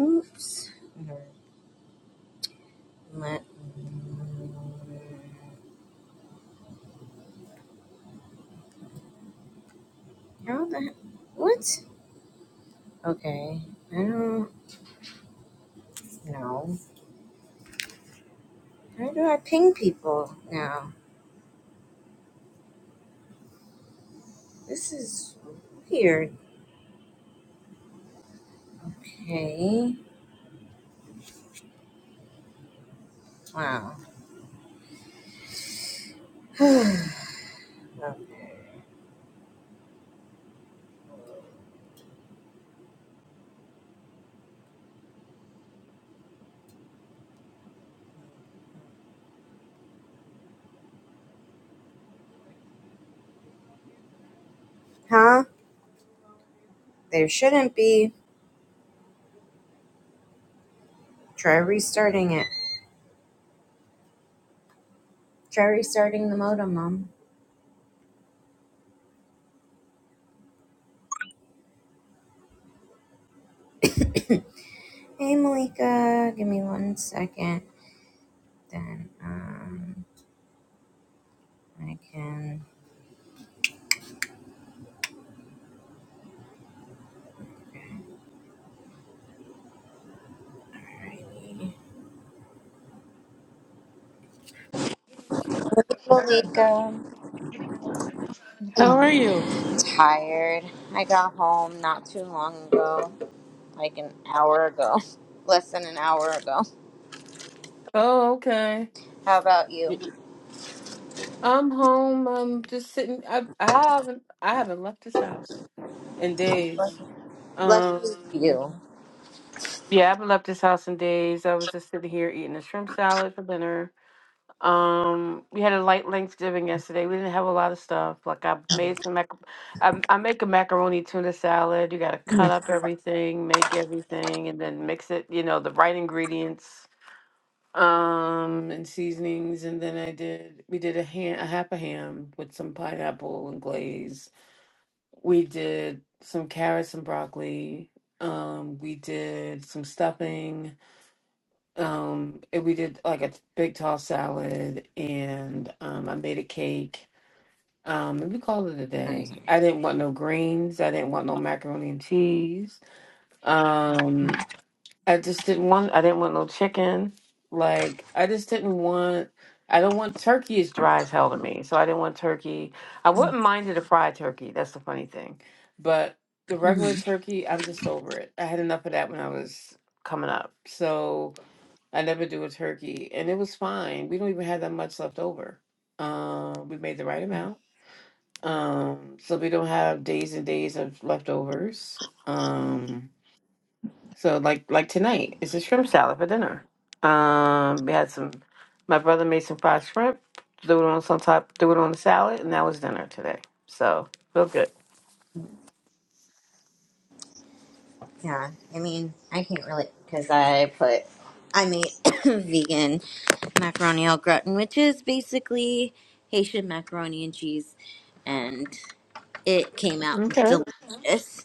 Oops. Let, how the he- what? Okay. I don't know. How do I ping people now? This is weird. Okay. Wow. okay. Huh? There shouldn't be. Try restarting it. Try restarting the modem, Mom. Hey, Malika. Give me one second. Then um, I can. Malika. How are you? Tired. I got home not too long ago, like an hour ago, less than an hour ago. Oh, okay. How about you? I'm home. I'm just sitting. I I haven't I haven't left this house in days. Lucky Um, you. yeah, I haven't left this house in days. I was just sitting here eating a shrimp salad for dinner. Um, we had a light Thanksgiving yesterday. We didn't have a lot of stuff. Like I made some mac. I, I make a macaroni tuna salad. You got to cut Mhm. up everything, make everything, and then mix it. You know the right ingredients. um and seasonings and then i did we did a ham a half a ham with some pineapple and glaze we did some carrots and broccoli um we did some stuffing um and we did like a big tall salad and um i made a cake um and we called it a Okay, day i sorry. didn't want no greens i didn't want no macaroni and cheese um. I just didn't want. I didn't want no chicken. Like I just didn't want. I don't want turkey is dry as hell to me, so I didn't want turkey. I wouldn't mind it a fried turkey. That's the funny thing, but the hmm regular turkey, I'm just over it. I had enough of that when I was coming up, so I never do a turkey, and it was fine. We don't even have that much left over. Um, we made the right amount, um, so we don't have days and days of leftovers. Um, so like like tonight, it's a shrimp salad for dinner. Um, we had some. My brother made some fried shrimp, threw it on some top, threw it on the salad, and that was dinner today. So feel good. Yeah, I mean, I can't really because I put I made vegan macaroni au gratin, which is basically Haitian macaroni and cheese, and it came out Okay. delicious.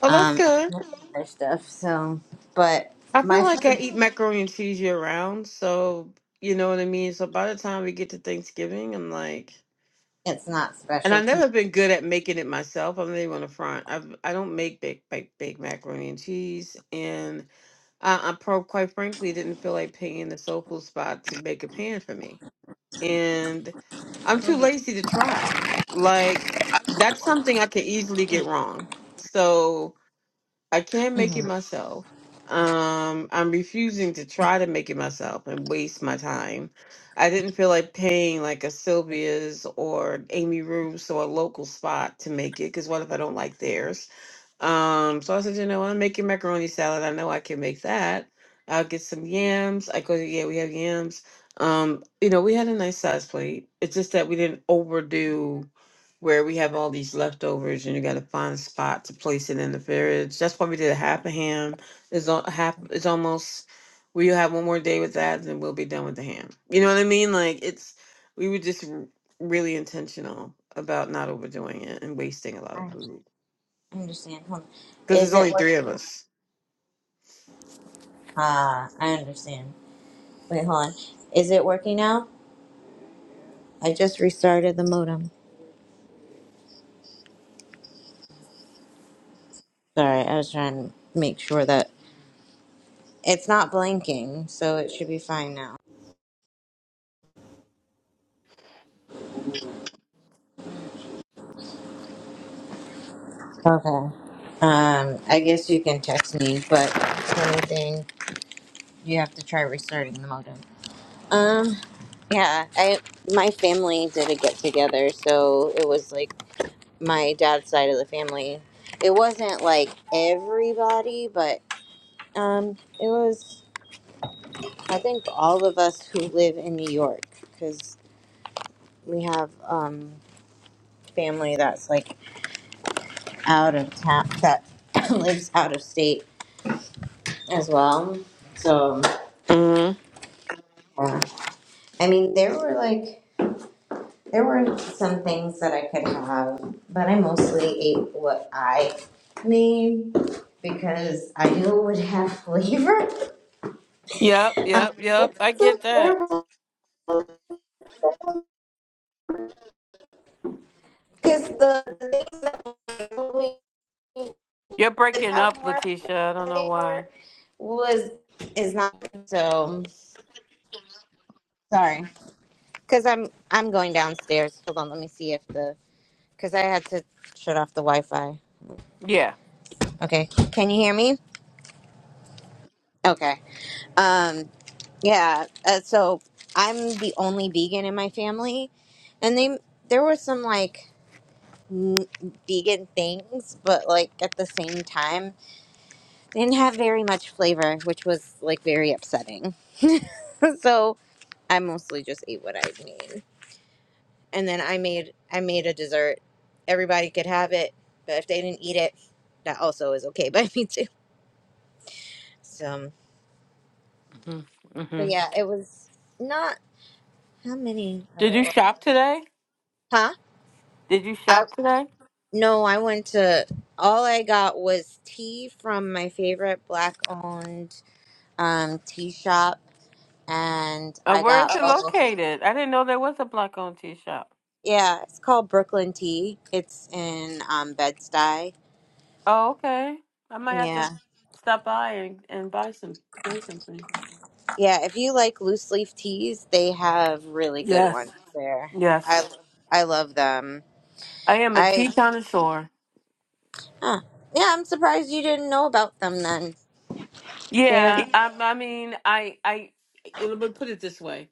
Oh, that's Um, good. other stuff. So, but I my feel like I food, eat macaroni and cheese year round, so you know what I mean. So by the time we get to Thanksgiving, I'm like, it's not and I've specialty. never been good at making it myself. I'm not even on the front. I I don't make big big big macaroni and cheese, and I, I pro- quite frankly didn't feel like paying the soul food spot to make a pan for me. And I'm too lazy to try. Like, that's something I can easily get wrong. So I can't make it hmm myself. Um, I'm refusing to try to make it myself and waste my time. I didn't feel like paying like a Sylvia's or Amy Roos or a local spot to make it because what if I don't like theirs? Um, so I said, you know, I'm making macaroni salad. I know I can make that. I'll get some yams. I go, yeah, we have yams. Um, you know, we had a nice size plate. It's just that we didn't overdo where we have all these leftovers and you got to find a spot to place it in the fridge. That's why we did a half a ham. It's all half. It's almost. We'll have one more day with that, and then we'll be done with the ham. You know what I mean? Like it's. We were just r- really intentional about not overdoing it and wasting a lot of I food understand. Hold on. because there's Is it only three working? of us. Ah, I understand. Wait, hold on. Is it working now? I just restarted the modem. Sorry, I was trying to make sure that it's not blinking, so it should be fine now. Okay. Um, I guess you can text me, but if anything, you have to try restarting the modem. Um, yeah, I my family did a get together, so it was like my dad's side of the family. It wasn't like everybody, but Um, it was, I think, all of us who live in New York, because we have um, family that's like out of town, that lives out of state as well. So, hmm yeah. I mean, there were like, there were some things that I could have, but I mostly ate what I made because I knew it would have flavor, Yep, um, yep, which yep. I is so get that. terrible. Because the the things that we You're could breaking have up, more Letitia. I don't know why. flavor was is not so sorry because i'm i'm going downstairs hold on let me see if the because i had to shut off the wi-fi Yeah. okay can you hear me okay um yeah uh, so i'm the only vegan in my family and they there were some like n- vegan things but like at the same time they didn't have very much flavor which was like very upsetting so I mostly just ate what I made, and then I made I made a dessert. Everybody could have it, but if they didn't eat it, that also is okay by me too. So, hmm hmm but yeah, it was not how many of Did it you was, shop today? huh? Did you I shop today? no, I went to all I got was tea from my favorite black owned um, tea shop, and Uh, I where is got Oh. it bubble. tea. located? I didn't know there was a black owned tea shop. Yeah, it's called Brooklyn Tea. It's in um, Bed Stuy. Oh, okay. I might have Yeah. to stop by and, and buy some buy something. Yeah, if you like loose leaf teas, they have really good Yes. ones there. Yes. I I love them. I am a I tea connoisseur. huh. yeah, I'm surprised you didn't know about them then. They're Yeah. I, I mean, I I. Let me put it this way.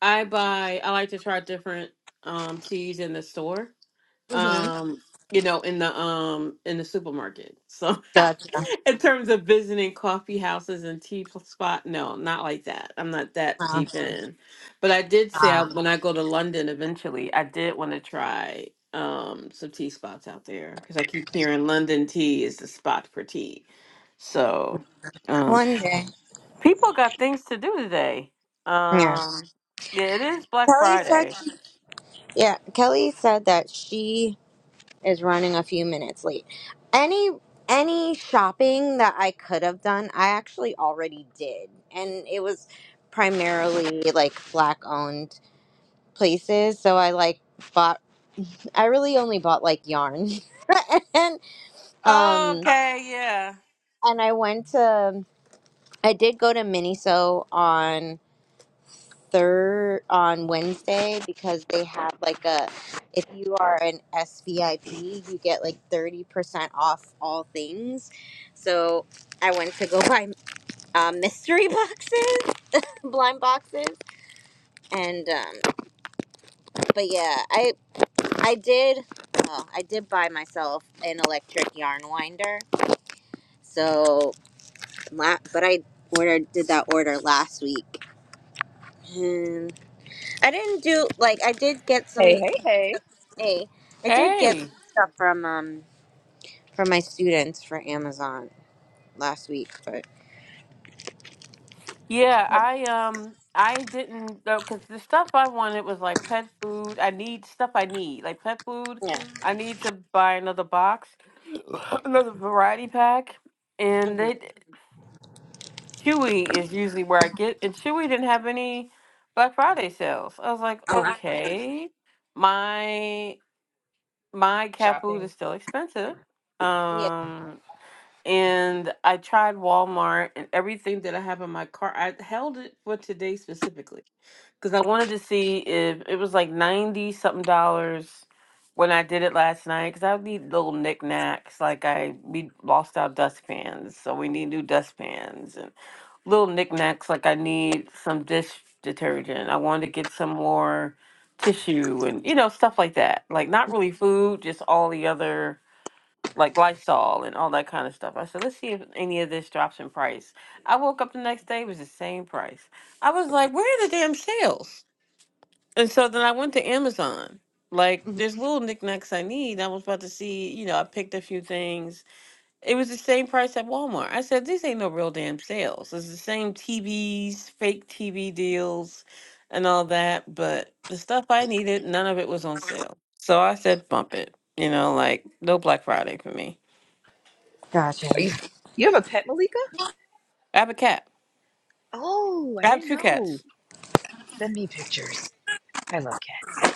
I buy I like to try different um teas in the store. mm-hmm. Um, you know, in the um in the supermarket. So gotcha. in terms of visiting coffee houses and tea pl- spot, no, not like that. I'm not that Huh. deep in. But I did say I, Huh. when I go to London eventually, I did want to try um some tea spots out there because I keep hearing London tea is the spot for tea. So um, One day, People got things to do today. yeah. Um, yeah, it is Black Kelly said, Friday. yeah. Kelly said that she is running a few minutes late. Any any shopping that I could have done, I actually already did, and it was primarily like black owned places so i like bought i really only bought like yarn and um Okay, yeah. and i went to i did go to miniso on third on wednesday because they have like a if you are an svip you get like 30% off all things so i went to go buy uh, mystery boxes blind boxes and um but yeah I. I did. Uh, I did buy myself an electric yarn winder. So, la- but I ordered did that order last week, and I didn't do like I did get some. Hey, hey, hey. Hey, I did get some Hey, stuff from um from my students for Amazon last week, but yeah. I um, I didn't though because the stuff I wanted was like pet food. I need stuff I need like pet food. yeah. I need to buy another box, another variety pack, and hmm they Chewy is usually where I get, and Chewy didn't have any Black Friday sales. I was like, Oh, I- okay, my my cat food is Shopping. still expensive. yeah. Um, and I tried Walmart and everything that I have in my cart. I held it for today specifically because I wanted to see if it was like ninety something dollars when I did it last night. Because I would need little knickknacks, like I we lost our dustpans, so we need new dustpans and little knickknacks. Like I need some dish detergent. I wanted to get some more tissue and you know stuff like that. Like not really food, just all the other like Lysol and all that kind of stuff. I said, let's see if any of this drops in price. I woke up the next day, it was the same price. I was like, where are the damn sales? And so then I went to Amazon. Like there's little knickknacks I need. I was about to see, you know, I picked a few things. It was the same price at Walmart. I said, these ain't no real damn sales. It's the same TVs, fake TV deals, and all that. But the stuff I needed, none of it was on sale. So I said, bump it. You know, like no Black Friday for me. Gotcha. Are you you have a pet, Malika? I have a cat. Oh, I I have didn't two know. cats. Send me pictures. I love cats.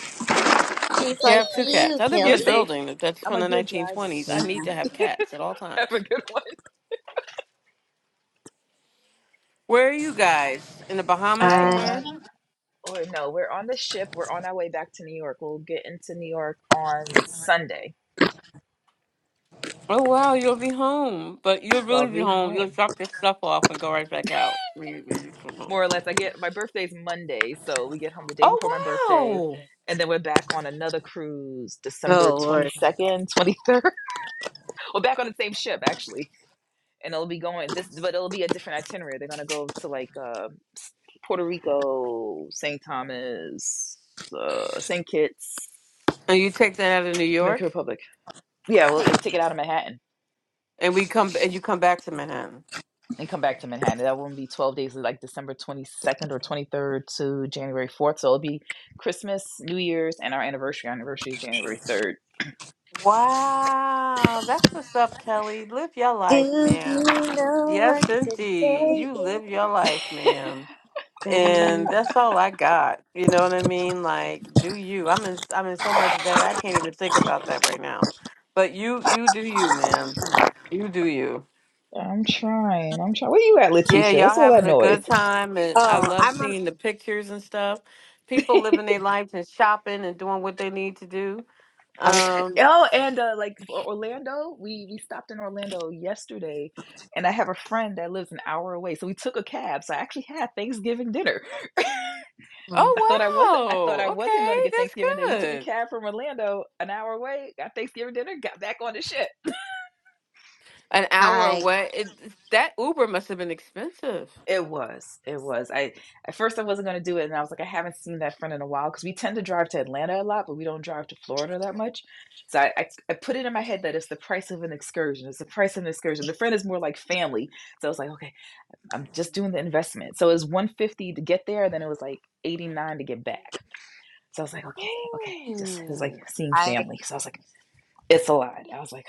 She's Yeah, I like have two Hee. cats. you, I live in You're a Kelly. safe. building that- that's I'm from a the good driver. 1920s. I Yeah. need to have cats at all Have times. a good one. Where are you guys? In the Bahamas I am I somewhere? on or no, we're on the ship. We're on our way back to New York. We'll get into New York on Sunday. Oh wow, you'll be home, but you'll I'll really be be home. You'll home. drop your stuff off and go right back out when you, when you come home. More or less. I get my birthday's Monday, so we get home the day before my birthday. Oh wow! And then we're back on another cruise December oh Lord. 22nd, 23rd. We're back on the same ship, actually. and it'll be going this, but it'll be a different itinerary. They're gonna go to like uh, Puerto Rico, St. Thomas, uh, St. Kitts, And you take that out of New Dominican York, Republic. Yeah, we'll, we'll take it out of Manhattan and we come and you come back to Manhattan. and come back to Manhattan. That won't be twelve days, like December twenty second or twenty third to January fourth. So it'll be Christmas, New Year's, and our anniversary. Our anniversary is January third. Wow, that's what's up, Kelly. Live your Do life, you ma'am. know what Yes, indeed, today you live your is? life, ma'am. Oh, and that's all I got. You know what I mean? Like, do you? I'm in. I'm in so much debt. I can't even think about that right now. But you, you do you, ma'am. You do you. I'm trying. I'm trying. Where you at, Yeah, Letitia? y'all What's all having that a noise? good time, and I love I'm. On, seeing the pictures and stuff. People living their lives and shopping and doing what they need to do. I was. Um. Oh, and uh, like for Orlando, we we stopped in Orlando yesterday, and I have a friend that lives an hour away, so we took a cab. So I actually had Thanksgiving dinner. I thought I Oh wasn't. I thought I wow. wasn't going to get Thanksgiving dinner. We Okay, took a that's good. cab from Orlando, an hour away, got Thanksgiving dinner, got back on the ship. An hour I. away. It, that Uber must have been expensive. It was. It was. I at first I wasn't going to do it, and I was like, I haven't seen that friend in a while because we tend to drive to Atlanta a lot, but we don't drive to Florida that much. So I, I, I put it in my head that it's the price of an excursion. It's the price of an excursion. The friend is more like family. So I was like, okay. I'm just doing the investment. So it was 150 to get there, then it was like 89 to get back. So I was like, okay, okay. Just it was Ooh. like seeing I. family. So I was like, it's a lot. I was like,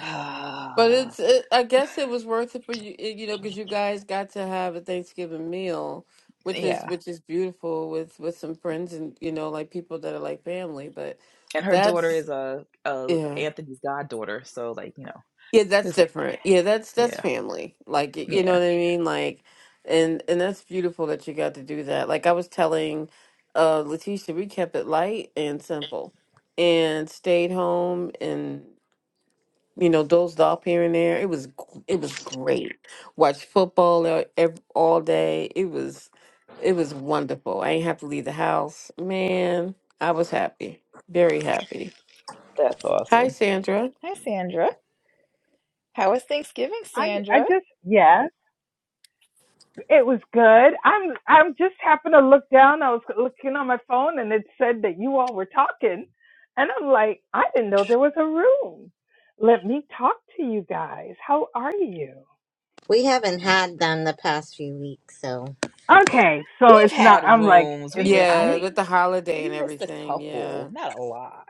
But ah, it's, oh. it, I guess it was worth it for you, eh, you know, because you guys got to have a Thanksgiving meal, which is yeah. which is beautiful with with some friends and you know, like people that are like family. But And her daughter that's is a, a yeah, Anthony's goddaughter. So like, you know, yeah, it that's was like, different. Yeah, that's that's yeah, family. Like you know yeah. what I mean. Like, and and that's beautiful that you got to do that. Like I was telling, uh, Letitia, we kept it light and simple, and stayed home and. you know, dozed off here and there. It was g- it was great. Watched football uh, ev- all day. It was it was wonderful. I ain't have to leave the house. Man, I was happy. Very happy. That's Hi awesome. Sandra. Hi, Sandra. How was Thanksgiving, I, I Sandra? just yes, it was good. I'm I'm just happened to look down. I was looking on my phone and it said that you all were talking, and I'm like, I didn't know there was a room. Let me talk to you guys. How are you? We haven't had them the past few weeks, so Okay, so We've it's not. had I'm like, rooms. is We I it Yeah, me? only with the holiday we and missed a everything. Yeah. couple, not a lot.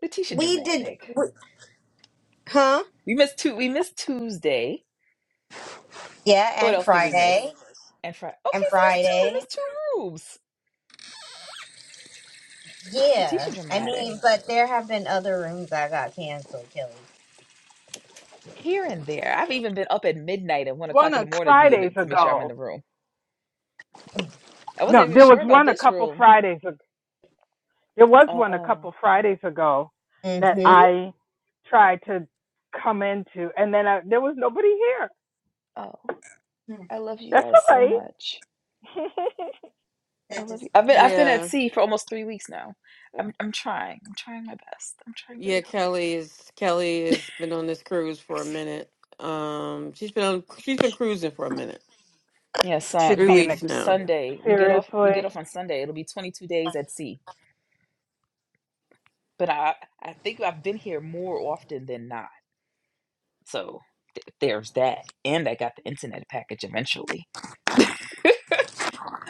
Letitia We did, dramatic. we, huh? We missed two. We missed Tuesday yeah. What And else did we miss? Friday And Friday. Okay, And so that's two. We Friday. missed two rooms. Yeah, Letitia I dramatic. mean, but there have been other rooms that got canceled, Kelly. Here and there. I've even been up at midnight and one One o'clock in the a morning to be in Fridays it to make sure I'm in ago. the room. I No, wasn't even there was sure about one a this couple room. Fridays. ag- There was one a Oh. couple Fridays ago that Mm-hmm. See? I tried to come into, and then I, there was nobody here. Oh. I love you That's guys all so right. much. I That love is you. I've been I've been at Yeah. sea for almost three weeks now. I'm I'm trying. I'm trying my best. I'm trying Yeah, very hard. Kelly is Kelly has been on this cruise for a minute. Um she's been on she's been cruising for a minute. Yeah, so should 3 be an come weeks ex- now. Sunday. We get off we Seriously, get off on Sunday. It'll be twenty two days at sea. But I I think I've been here more often than not. So There's that. And I got the internet package eventually.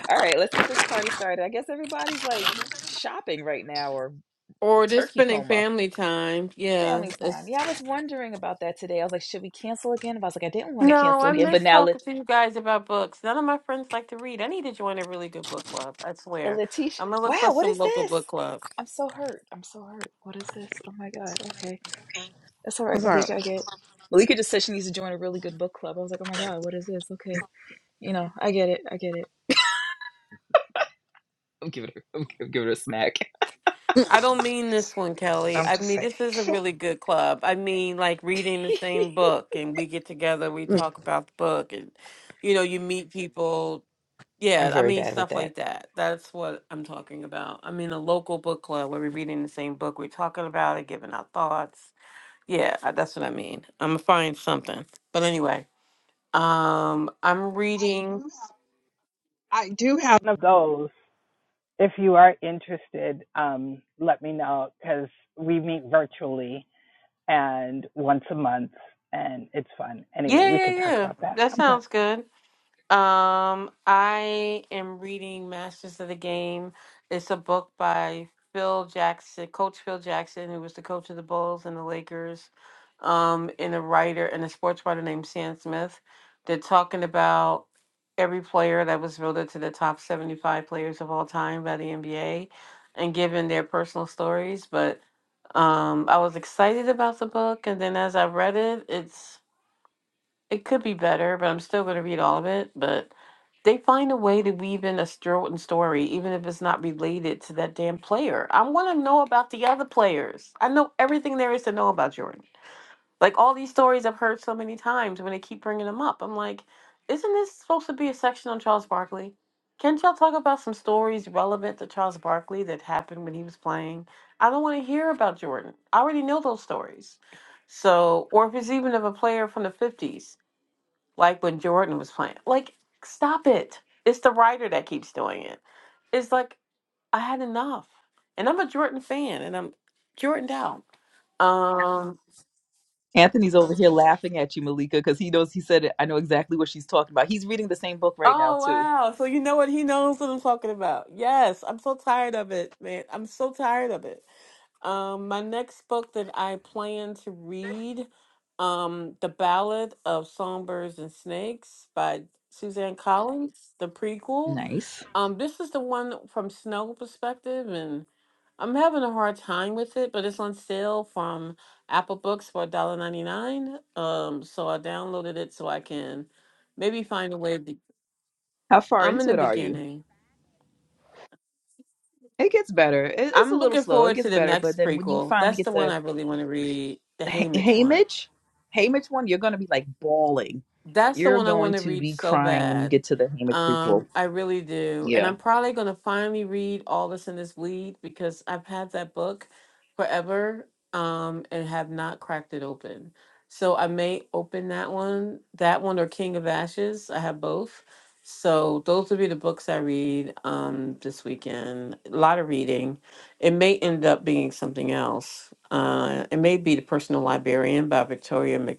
All right, let's get this party started. I guess everybody's like shopping right now or Or just turkey spending coma. family time. Yeah. Family it's time. Yeah, I was wondering about that today. I was like, should we cancel again? But I was like, I didn't want to No, cancel I again. But miss now, Lat- talking to you guys about books. None of my friends like to read. I need to join a really good book club. I uh, swear. Letitia, I'm gonna look wow, for what some is local this? book clubs. I'm so hurt. I'm so hurt. What is this? Oh my God. Okay. awesome. That's all right, That's all right. Malika. I get Malika just said she needs to join a really good book club. I was like, oh my God, what is this? Okay. You know, I get it. I get it. I'm giving her, I'm gi- I'm giving her a smack. I don't mean this one, Kelly. I'm I just mean saying. this is a really good club. I mean like reading the same book and we get together, we Mm, talk about the book and you know, you meet people. I'm Yeah, I very mean bad with stuff like that. that. That's what I'm talking about. I mean a local book club where we're reading the same book, we're talking about it, giving our thoughts. Yeah, I- that's what I mean. I'm gonna find something. But anyway. Um, I'm reading. I do have one of those. If you are interested, um, let me know because we meet virtually and once a month, and it's fun. Anyway, Yeah, we yeah, can talk yeah. about that. That I'm done. sounds good. Um, I am reading Masters of the Game. It's a book by Phil Jackson, Coach Phil Jackson, who was the coach of the Bulls and the Lakers, um, and a writer and a sports writer named Sam Smith. They're talking about every player that was voted to the top 75 players of all time by the NBA and giving their personal stories. But um, I was excited about the book, and then as I read it, it's it could be better, but I'm still going to read all of it. But they find a way to weave in a Stroton story, even if it's not related to that damn player. I want to know about the other players. I know everything there is to know about Jordan. Like all these stories I've heard so many times when they keep bringing them up. I'm like, isn't this supposed to be a section on Charles Barkley? Can't y'all talk about some stories relevant to Charles Barkley that happened when he was playing? I don't want to hear about Jordan. I already know those stories. So, or if it's even of a player from the 50s like when Jordan was playing. Like, stop it. It's the writer that keeps doing it. It's like I had enough. And I'm a Jordan fan and I'm Jordan down. Um Anthony's over here laughing at you, Malika, because he knows he said it. I know exactly what she's talking about. He's reading the same book right now, Oh too. wow. So you know what he knows what I'm talking about. Yes, I'm so tired of it, man. I'm so tired of it. Um, my next book that I plan to read, um, The Ballad of Songbirds and Snakes by Suzanne Collins, the prequel. Nice. Um, this is the one from Snow perspective, and I'm having a hard time with it, but it's on sale from Apple Books for $1.99. Um, so I downloaded it so I can maybe find a way. To, How far I'm in into the it are you? beginning. It gets better. It, it's a I'm little looking slow. It forward to gets the better. But next then when you prequel. finally That's get the one to I really want to read, the Ha- Haymitch one. Hamish, Hamish one, you're going to be like bawling. That's the You're one I want going to to read be so crying when you bad. get to the Hamish prequel. Um, I really do. And Yeah. I'm probably going to finally read All This in This Lead because I've had that book forever um, and have not cracked it open. So I may open that one, that one or King of Ashes. I have both. So those will be the books I read um, this weekend. A lot of reading. It may end up being something else. Uh, it may be The Personal Librarian by Victoria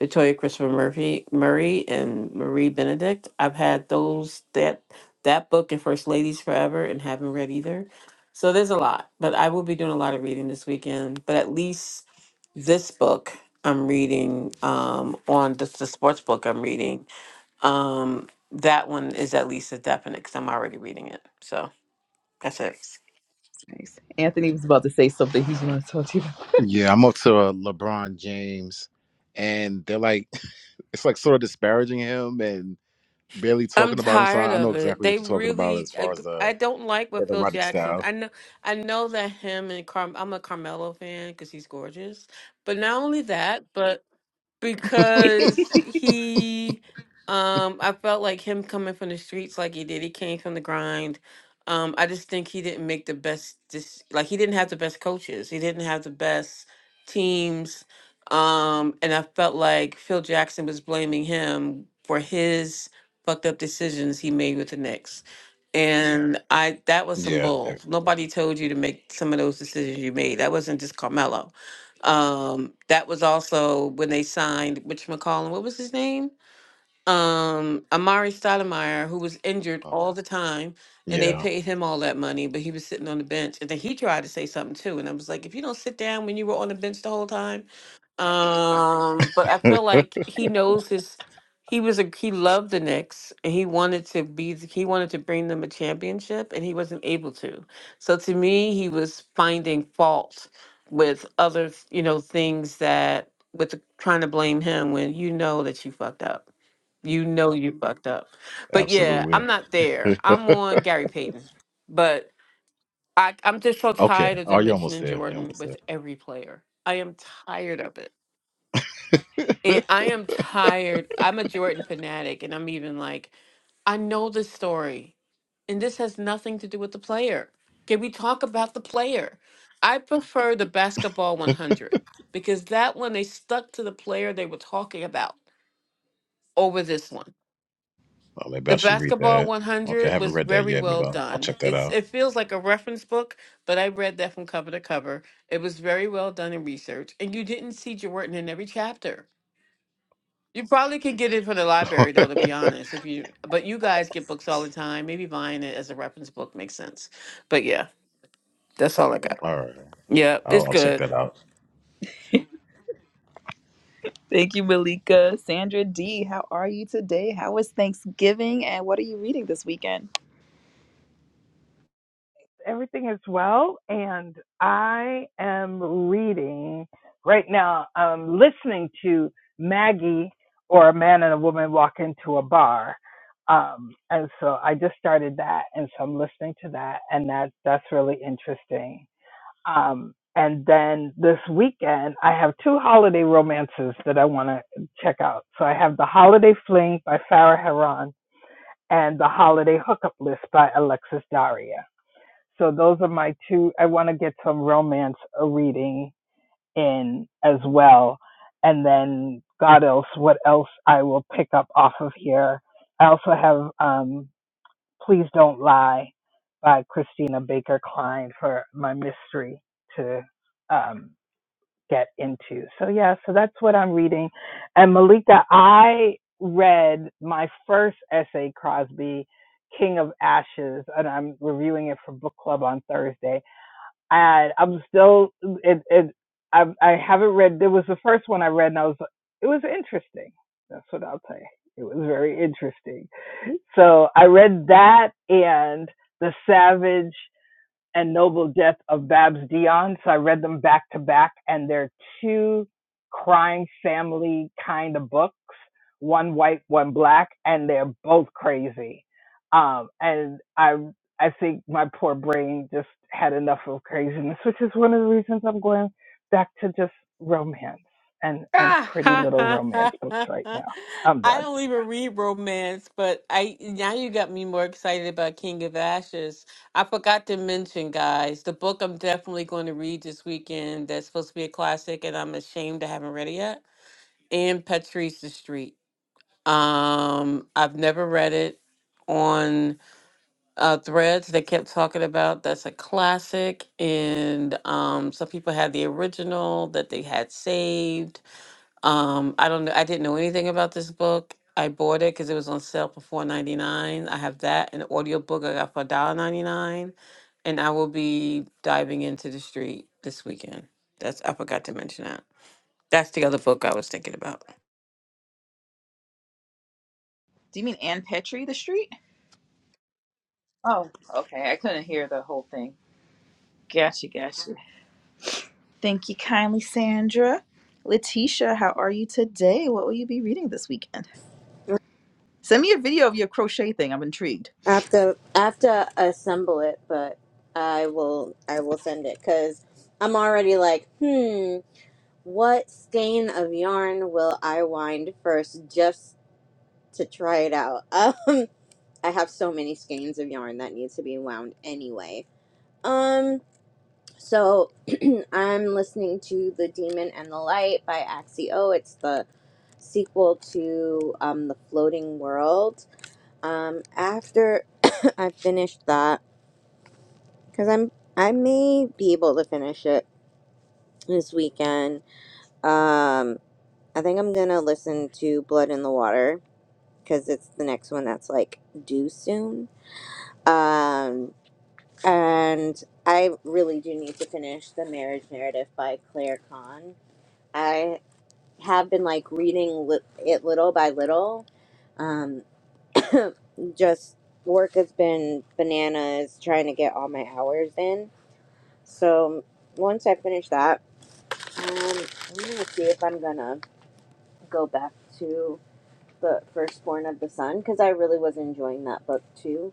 Victoria Christopher Murphy Murray and Marie Benedict. I've had those that that book and First Ladies Forever and haven't read either. So there's a lot. But I will be doing a lot of reading this weekend. But at least this book I'm reading um on the, the sports book I'm reading. Um that one is at least a definite because I'm already reading it. So that's it. Nice. Anthony was about to say something he's going to talk to you about. Yeah, I'm up to uh, LeBron James, and they're like, it's like sort of disparaging him and barely I'm talking about him. So tired I I know of it. exactly They what you're talking about really, as far I, as the I don't like the what Phil erotic Jackson's. style. I know, I know that him and Car, I'm a Carmelo fan because he's gorgeous. But not only that, but because he um I felt like him coming from the streets like he did. He came from the grind. Um I just think he didn't make the best this like he didn't have the best coaches. He didn't have the best teams. Um and I felt like Phil Jackson was blaming him for his fucked up decisions he made with the Knicks. And I that was some Yeah, eh, bull. Nobody told you to make some of those decisions you made. That wasn't just Carmelo um, that was also when they signed Mitch McCollum. What was his name? um Amari Stoudemire, who was injured uh, all the time, and they yeah, paid him all that money, but he was sitting on the bench. And then he tried to say something too, and I was like, if you don't sit down when you were on the bench the whole time, um. But I feel like he knows his. He was a he loved the Knicks and he wanted to be th- he wanted to bring them a championship and he wasn't able to. So to me, he was finding fault with other you know things that with the, trying to blame him when you know that you fucked up. You know you fucked up. But yeah, I'm absolutely. not there. I'm on Gary Payton. But I, I'm just so okay, tired of oh, them you're almost mentioning there. You're Jordan almost with there. every player. I am tired of it. And I am tired. I'm a Jordan fanatic, and I'm even like, I know this story, and this has nothing to do with the player. Can we talk about the player? I prefer the basketball 100 because that one they stuck to the player they were talking about over this one. Oh, maybe I The should read Basketball that. Okay, I 100 haven't was read that very yet. well Maybe I'll, I'll done. check that It's out. it feels like a reference book, but I read that from cover to cover. It was very well done in research, and you didn't see Jordan in every chapter. You probably could get it from the All library though, to be honest. If you but you guys get books all the time, maybe buying it as a reference book makes sense. But yeah, that's all I got. right, Yeah, I'll, it's I'll good. check that out. Thank you, Malika. Sandra D, how are you today? How was Thanksgiving and what are you reading this weekend? everything is well, and I am reading right now. I'm listening to Maggie or a man and a woman walk into a bar, um, and so I just started that, and so I'm listening to that, and that that's really interesting. Um, and then this weekend, I have two holiday romances that I want to check out. So I have the Holiday Fling by Farah Heron and the Holiday Hookup List by Alexis Daria so those are my two. I want to get some romance uh, reading in as well, and then God else, what else I will pick up off of here. I also have um, "Please Don't Lie" by Christina Baker Klein for my mystery to um, get into. So yeah, so that's what I'm reading. And Malika, I read my first essay, Crosby. King of Ashes, and I'm reviewing it for book club on Thursday and I'm still it it I I haven't read. It was the first one I read, and I was it was interesting. That's what I'll say. It was very interesting. So I read that and the Savage and Noble Death of Babs Dion. So I read them back to back, and they're two crime family kind of books, one white, one black, and they're both crazy. Um, and I, I think my poor brain just had enough of craziness, which is one of the reasons I'm going back to just romance and and pretty little romance I books right now. I'm done. don't even read romance, but I now you got me more excited about King of Ashes. I forgot to mention, guys, the book I'm definitely going to read this weekend that's supposed to be a classic, and I'm ashamed I haven't read it yet. And Patrice the Street. Um, I've never read it on uh threads they kept talking about that's a classic and um some people had the original that they had saved um, I don't know. I didn't know anything about this book. I bought it because it was on sale for four ninety nine. I have that and the audiobook I got for a dollar ninety nine, And I will be diving into the street this weekend. That's I forgot to mention that. That's the other book I was thinking about. Do you mean Ann Petrie, The Street? Oh, okay. I couldn't hear the whole thing. Gotcha, gotcha. Thank you kindly, Sandra. Letitia, how are you today? What will you be reading this weekend? Send me a video of your crochet thing. I'm intrigued. I have to, I have to assemble it, but I will, I will send it because I'm already like, hmm. What skein of yarn will I wind first just to try it out? Um, I have so many skeins of yarn that needs to be wound anyway. Um, so I'm listening to The Demon and the Light by Axio. It's the sequel to um, The Floating World. Um, after I finish that, because I'm I may be able to finish it this weekend. Um, I think I'm gonna listen to Blood in the Water because it's the next one that's like due soon. Um, and I really do need to finish The Marriage Narrative by Claire Kahn. I have been like reading li- it little by little. Um, just work has been bananas trying to get all my hours in. So once I finish that, um, I'm gonna see if I'm gonna go back to the Firstborn of the Sun because I really was enjoying that book too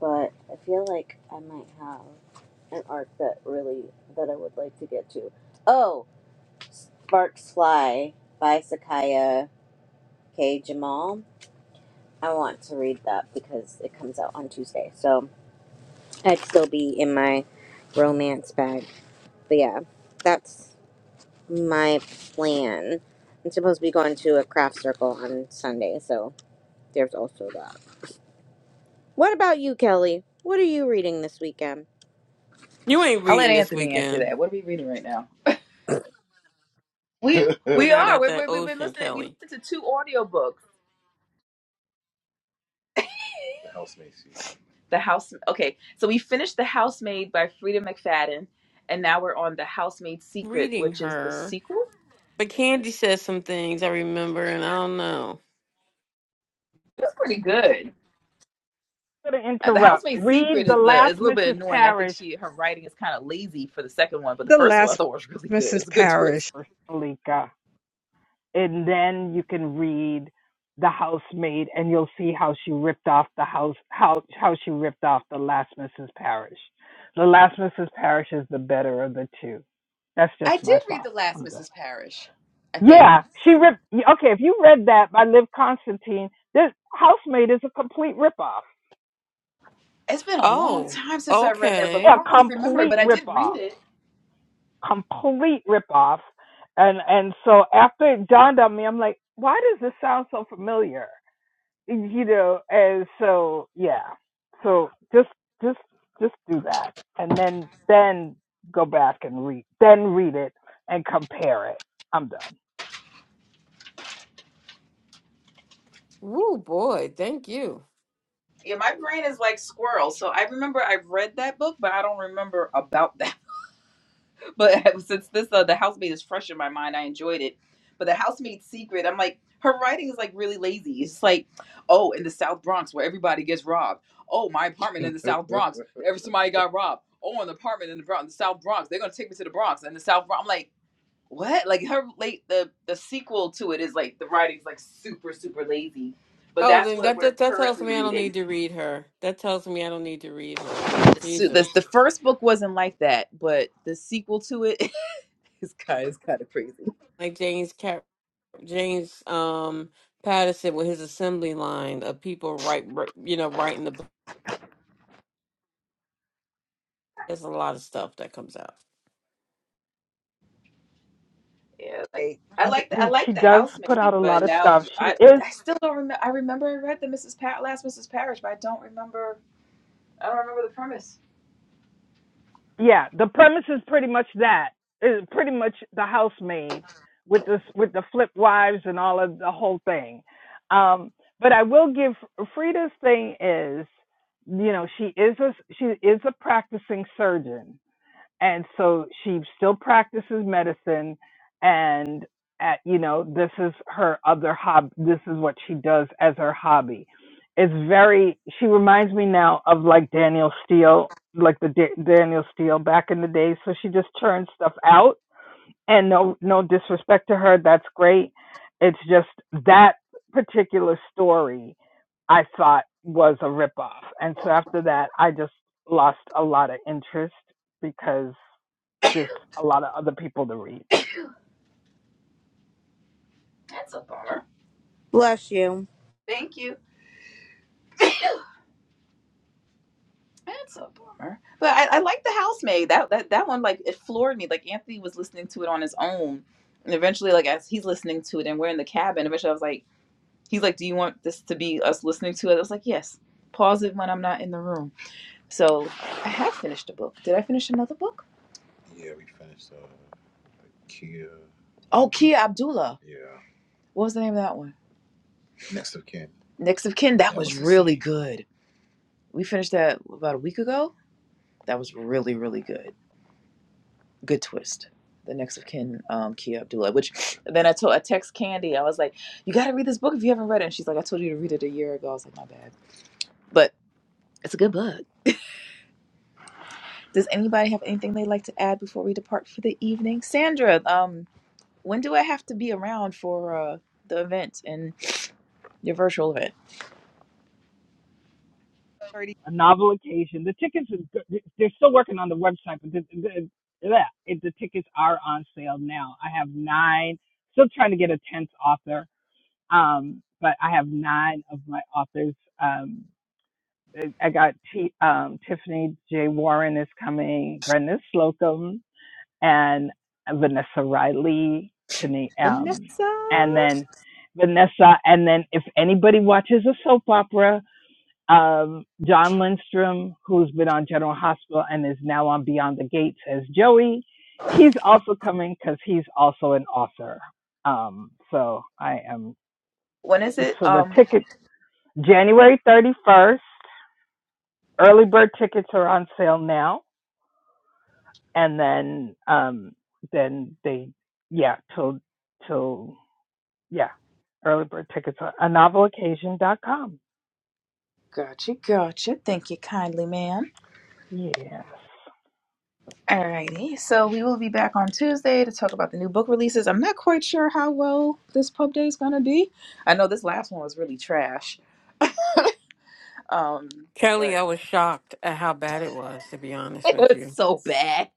but I feel like I might have an arc that really that I would like to get to. Oh, Sparks Fly by Sakaya K. Jamal. I want to read that because it comes out on Tuesday, so I'd still be in my romance bag. But yeah, that's my plan. I'm supposed to be going to a craft circle on Sunday, so there's also that. What about you, Kelly? What are you reading this weekend? You ain't I'll let reading this Anthony answer weekend. that. What are we reading right now? We Looking we out are. at we that we we've been ocean, listening. We Kelly. listened to two audiobooks. Housemaid season. The house. Okay, so we finished The Housemaid by Frida McFadden, and now we're on The Housemaid Secret, Reading which is the her. sequel. But Candy says some things I remember and I don't know. It's pretty good. gonna Uh, The interrupt. Housemaid Read Secret is the the is last a little bit Mrs. annoying. I think Parrish she her writing is kind of lazy for the second one, but the the first one I last thought was really good. It was Mrs. a good twist. Parrish, or And then you can read The Housemaid and you'll see how she ripped off the house how how she ripped off the last Mrs. Parrish. The last Mrs. Parrish is the better of the two. That's I just my did read thought. the last I'm done. Mrs. Parrish. I think Yeah, she ripped okay, if you read that by Liv Constantine, this housemaid is a complete ripoff. it's been a long Oh, time since I've read that book. I A okay. don't really remember it, complete but I did read ripoff. it. complete ripoff. And and so after it dawned on me, I'm like, why does this sound so familiar? You know, and so yeah. So just just just do that. And then then go back and read then read it and compare it. I'm done. Woo boy, thank you. Yeah, my brain is like squirrel, so I remember I read that book, but I don't remember about that. but since this uh, the housemate is fresh in my mind, I enjoyed it. But the housemaid's secret, I'm like, her writing is like really lazy. It's like, oh, in the South Bronx where everybody gets robbed. Oh, my apartment in the South Bronx, every somebody got robbed. Oh, an apartment in the, Bron- the South Bronx, they're gonna take me to the Bronx and the South Bronx. I'm like, what? Like her late the the sequel to it is like the writing's like super super lazy. But Oh, that's then what that, we're that that tells currently me I don't need reading. to read her. That tells me I don't need to read her. So the the Jesus, first book wasn't like that, but the sequel to it is kind is kind of crazy. like James Cap James um Patterson with his assembly line of people write you know writing the book. There's a lot of stuff that comes out. Yeah, like Okay. I like the, I You, she like the does put out housemaid, a lot but of now stuff. I She is I still don't remember. I remember I read the Mrs. Pat last Mrs. Parrish, but I don't remember. I don't remember the premise. Yeah, the premise is pretty much that. It's pretty much the housemaid with this with the flip wives and all of the whole thing. Um, but I will give Frida's thing is, you know, she is a she is a practicing surgeon, and so she still practices medicine and at, you know this is her other hob this is what she does as her hobby it's very she reminds me now of like daniel steele like the da- daniel steele back in the day so she just churns stuff out and no no disrespect to her that's great it's just that particular story i thought was a ripoff. and so after that i just lost a lot of interest because this a lot of other people to read. That's a bummer. Bless you. Thank you. That's a bummer. But I, I like the housemaid. That that that one like it floored me. Like Anthony was listening to it on his own, and eventually like as he's listening to it, and we're in the cabin. Eventually I was like, he's like, "Do you want this to be us listening to it?" I was like, "Yes." Pause it when I'm not in the room. So I have finished a book. Did I finish another book? Yeah, we finished uh Kia. Oh, Kia Abdullah. Yeah. What was the name of that one? Next of kin. Next of Kin. That That was was really scene. good. We finished that about a week ago. That was really, really good. Good twist. The Next of Kin, um, Kia Abdullah. Which then I told I text Candy. I was like, "You got to read this book if you haven't read it." And she's like, "I told you to read it a year ago." I was like, "My bad," but it's a good book. Does anybody have anything they'd like to add before we depart for the evening? Sandra, um, When do I have to be around for uh, the event and your virtual event? A novel occasion. The tickets is good. they're still working on the website, but the, the, yeah, the tickets are on sale now. I have nine. Still trying to get a tenth author, um, but I have nine of my authors. Um, I I got T, um, Tiffany J. Warren is coming, Brenda Slocum, and Vanessa Riley. Tani, Vanessa, um, and then Vanessa, and then if anybody watches a soap opera, Um, John Lindstrom, who's been on General Hospital and is now on Beyond the Gates as Joey. He's also coming because he's also an author. Um, so I am. when is it? So the Um, ticket January 31st. Early bird tickets are on sale now, and then um, then they yeah till till yeah early bird tickets are on novel occasion dot com. gotcha, gotcha. Thank you kindly, ma'am. Yes, Alrighty, so we will be back on Tuesday to talk about the new book releases. I'm not quite sure how well this pub day is gonna be. I know this last one was really trash, um, but Kelly, I was shocked at how bad it was. To be honest it with was you, so bad.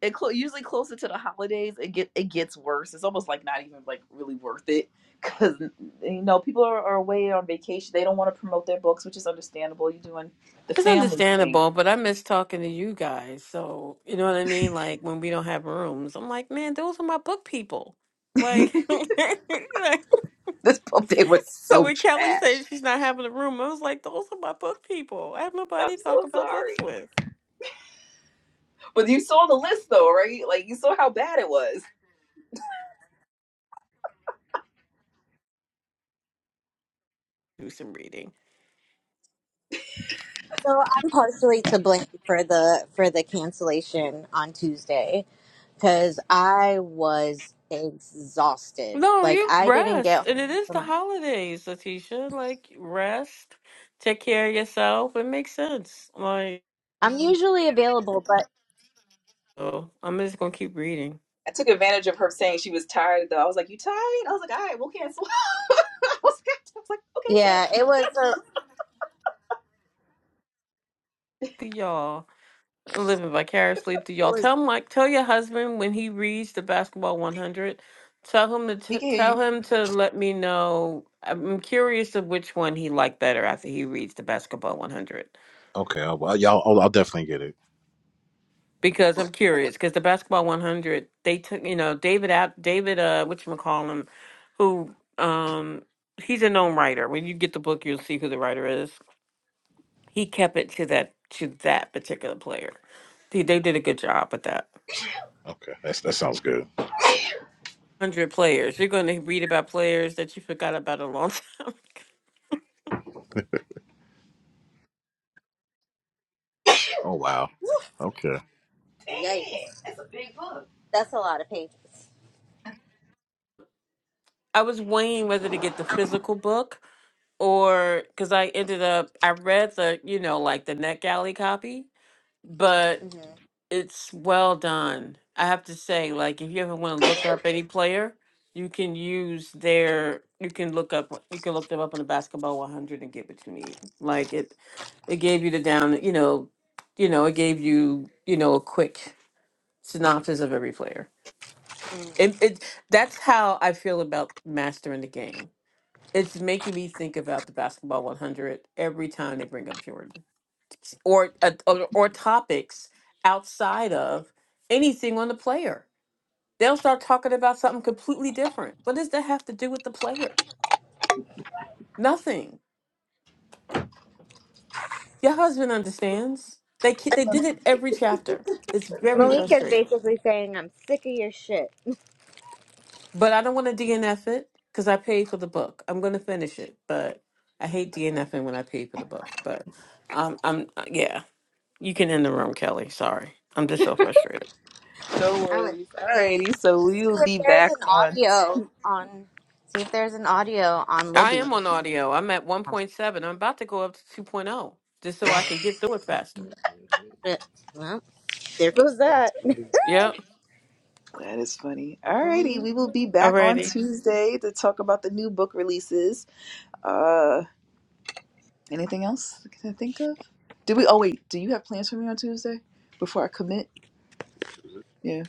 it clo- usually closer to the holidays it get it gets worse it's almost like not even like really worth it because you know people are, are away on vacation they don't want to promote their books which is understandable you're doing the it's family thing understandable, but I miss talking to you guys. So you know what I mean. Like when we don't have rooms, I'm like, man, those are my book people. Like, This book day was So so when Kelly trash. said she's not having a room, I was like, those are my book people. I have i'm nobody to talk so about books sorry with. but you saw the list though right like you saw how bad it was Do some reading. So I'm partially to blame for the for the cancellation on Tuesday because I was exhausted. No, Like you I didn't rest. get And home it is from the my. holidays, Letitia. Like, rest, take care of yourself. It makes sense. Like, I'm usually available, but so I'm just going to keep reading. i took advantage of her saying she was tired though i was like you tired i was like all right we'll cancel i was like I was like, okay bet yeah, it was a, Y'all. living vicariously through it y'all. was Tell Mike, tell your husband when he reads the basketball 100, tell him to he t- can hear you tell him to let me know. I'm curious of which one he liked better after he reads the basketball 100 Okay, I'll, I'll, y'all- I'll, I'll definitely get it. because I'm curious because the basketball 100 they took you know David out David uh which call him who um he's a known writer. When you get the book, you'll see who the writer is. He kept it to that to that particular player. They they did a good job with that. Okay, that's, that sounds good. hundred players. You're going to read about players that you forgot about a long time. Oh wow. Okay. Dang, yikes. that's a big book. That's a lot of pages. I was weighing whether to get the physical book or because I ended up I read the you know like the NetGalley copy, but hmm it's well done. I have to say, like if you ever want to look up any player, you can use their you can look up you can look them up on the Basketball 100 and get what you need. Like it, it gave you the down you know, you know it gave you you know a quick synopsis of every player. It, it that's how I feel about mastering the game. It's making me think about the basketball 100 every time they bring up Jordan or uh, or, or topics outside of anything on the player. They'll start talking about something completely different. What does that have to do with the player? Nothing. Your husband understands. They ki- they did it every chapter. It's very Malika's frustrating. basically saying I'm sick of your shit. But I don't want to DNF it because I paid for the book. I'm going to finish it, but I hate DNFing when I pay for the book. But um, I'm uh, yeah. You can end the room, Kelly. Sorry, I'm just so frustrated. No I would worries. say Alrighty, so we see will if be there's back an on. audio Tu- on see if there's an audio on I Libby. am on audio. I'm at 1.7. I'm about to go up to 2.0 just so I Dang. can get through it faster. Shit. Well, there goes that. Yep, That is funny. Alrighty, we will be back on already. Tuesday to talk about the new book releases. Uh, anything else I can think of? Do we? Oh wait, do you have plans for me on Tuesday before I commit? Yeah.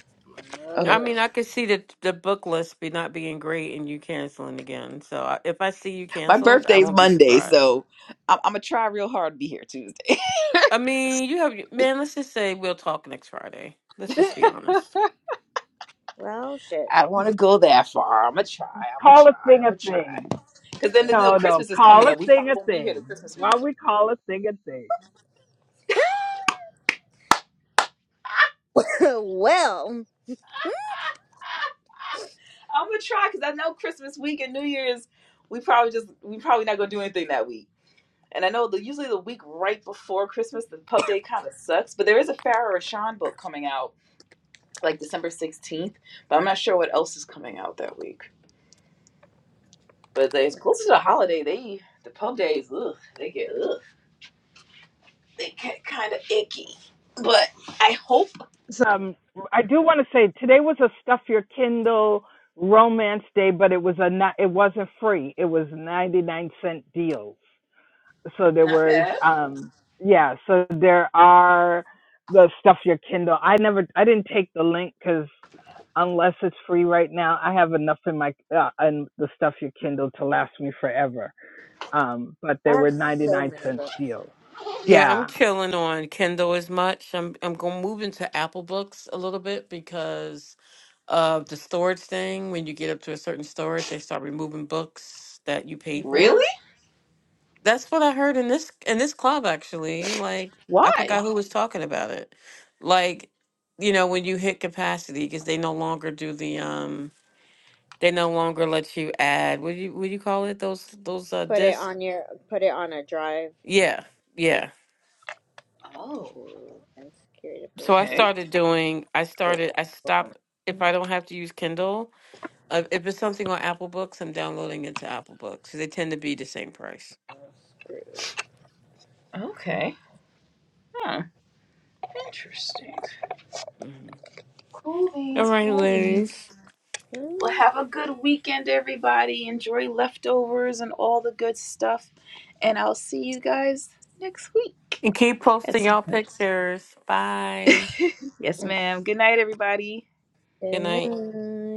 I Okay. Lovely. mean, I could see the the book list be not being great and you canceling again. So I, if I see you My canceled, I birthday's won't be Monday, surprised. so I'm, I'm gonna try real hard to be here Tuesday. I mean, you have man. Let's just say we'll talk next Friday. Let's just be honest. Well, shit. I don't want to go that far. I'm gonna try. I'm gonna call a try. I'm thing a gonna try. thing. Because then, you know, No, no. Christmas is Call coming a up. We thing probably a won't be here to thing. Christmas week. While we call a thing a thing. well, I'm gonna try because I know Christmas week and New Year's, we probably just we probably not gonna do anything that week. And I know the usually the week right before Christmas, the pub day kind of sucks. But there is a Farrah Rashan book coming out like December 16th, but I'm not sure what else is coming out that week. But they- it's closer to the holiday. They the pub days, ugh, they get ugh, they get kind of icky. But I hope So, Um, I do want to say today was a stuff your Kindle romance day, but it was a not, it wasn't free. It was ninety nine cent deals. So there not was bad. um yeah. So there are the stuff your Kindle. I never I didn't take the link because unless it's free right now, I have enough in my uh, in the stuff your Kindle to last me forever. um, but I they have were so 99 many cent books. deals. Yeah, I'm Yeah, killing on Kindle as much. I'm I'm gonna move into Apple Books a little bit because of the storage thing. When you get up to a certain storage, they start removing books that you paid hmm Really? for. That's what I heard in this in this club actually. Like I forgot Why? who was talking about it. Like, you know, when you hit capacity, because they no longer do the um, they no longer let you add. What do you what do you call it? Those those uh Put it discs. on your, put it on a drive Yeah, yeah. Oh. to and secure to So I place. Okay. It. started doing, I started, I stopped. If I don't have to use Kindle, uh, if it's something on Apple Books, I'm downloading it to Apple Books because they tend to be the same price. Screw. Okay. Huh. Interesting. Mhm. Cool All beans, right, cool beans. ladies. Screw. Well, have a good weekend, everybody. Enjoy leftovers and all the good stuff. And I'll see you guys next week And keep at posting some y'all point. pictures. Bye. yes, And ma'am. Good night, everybody. Good good night. night.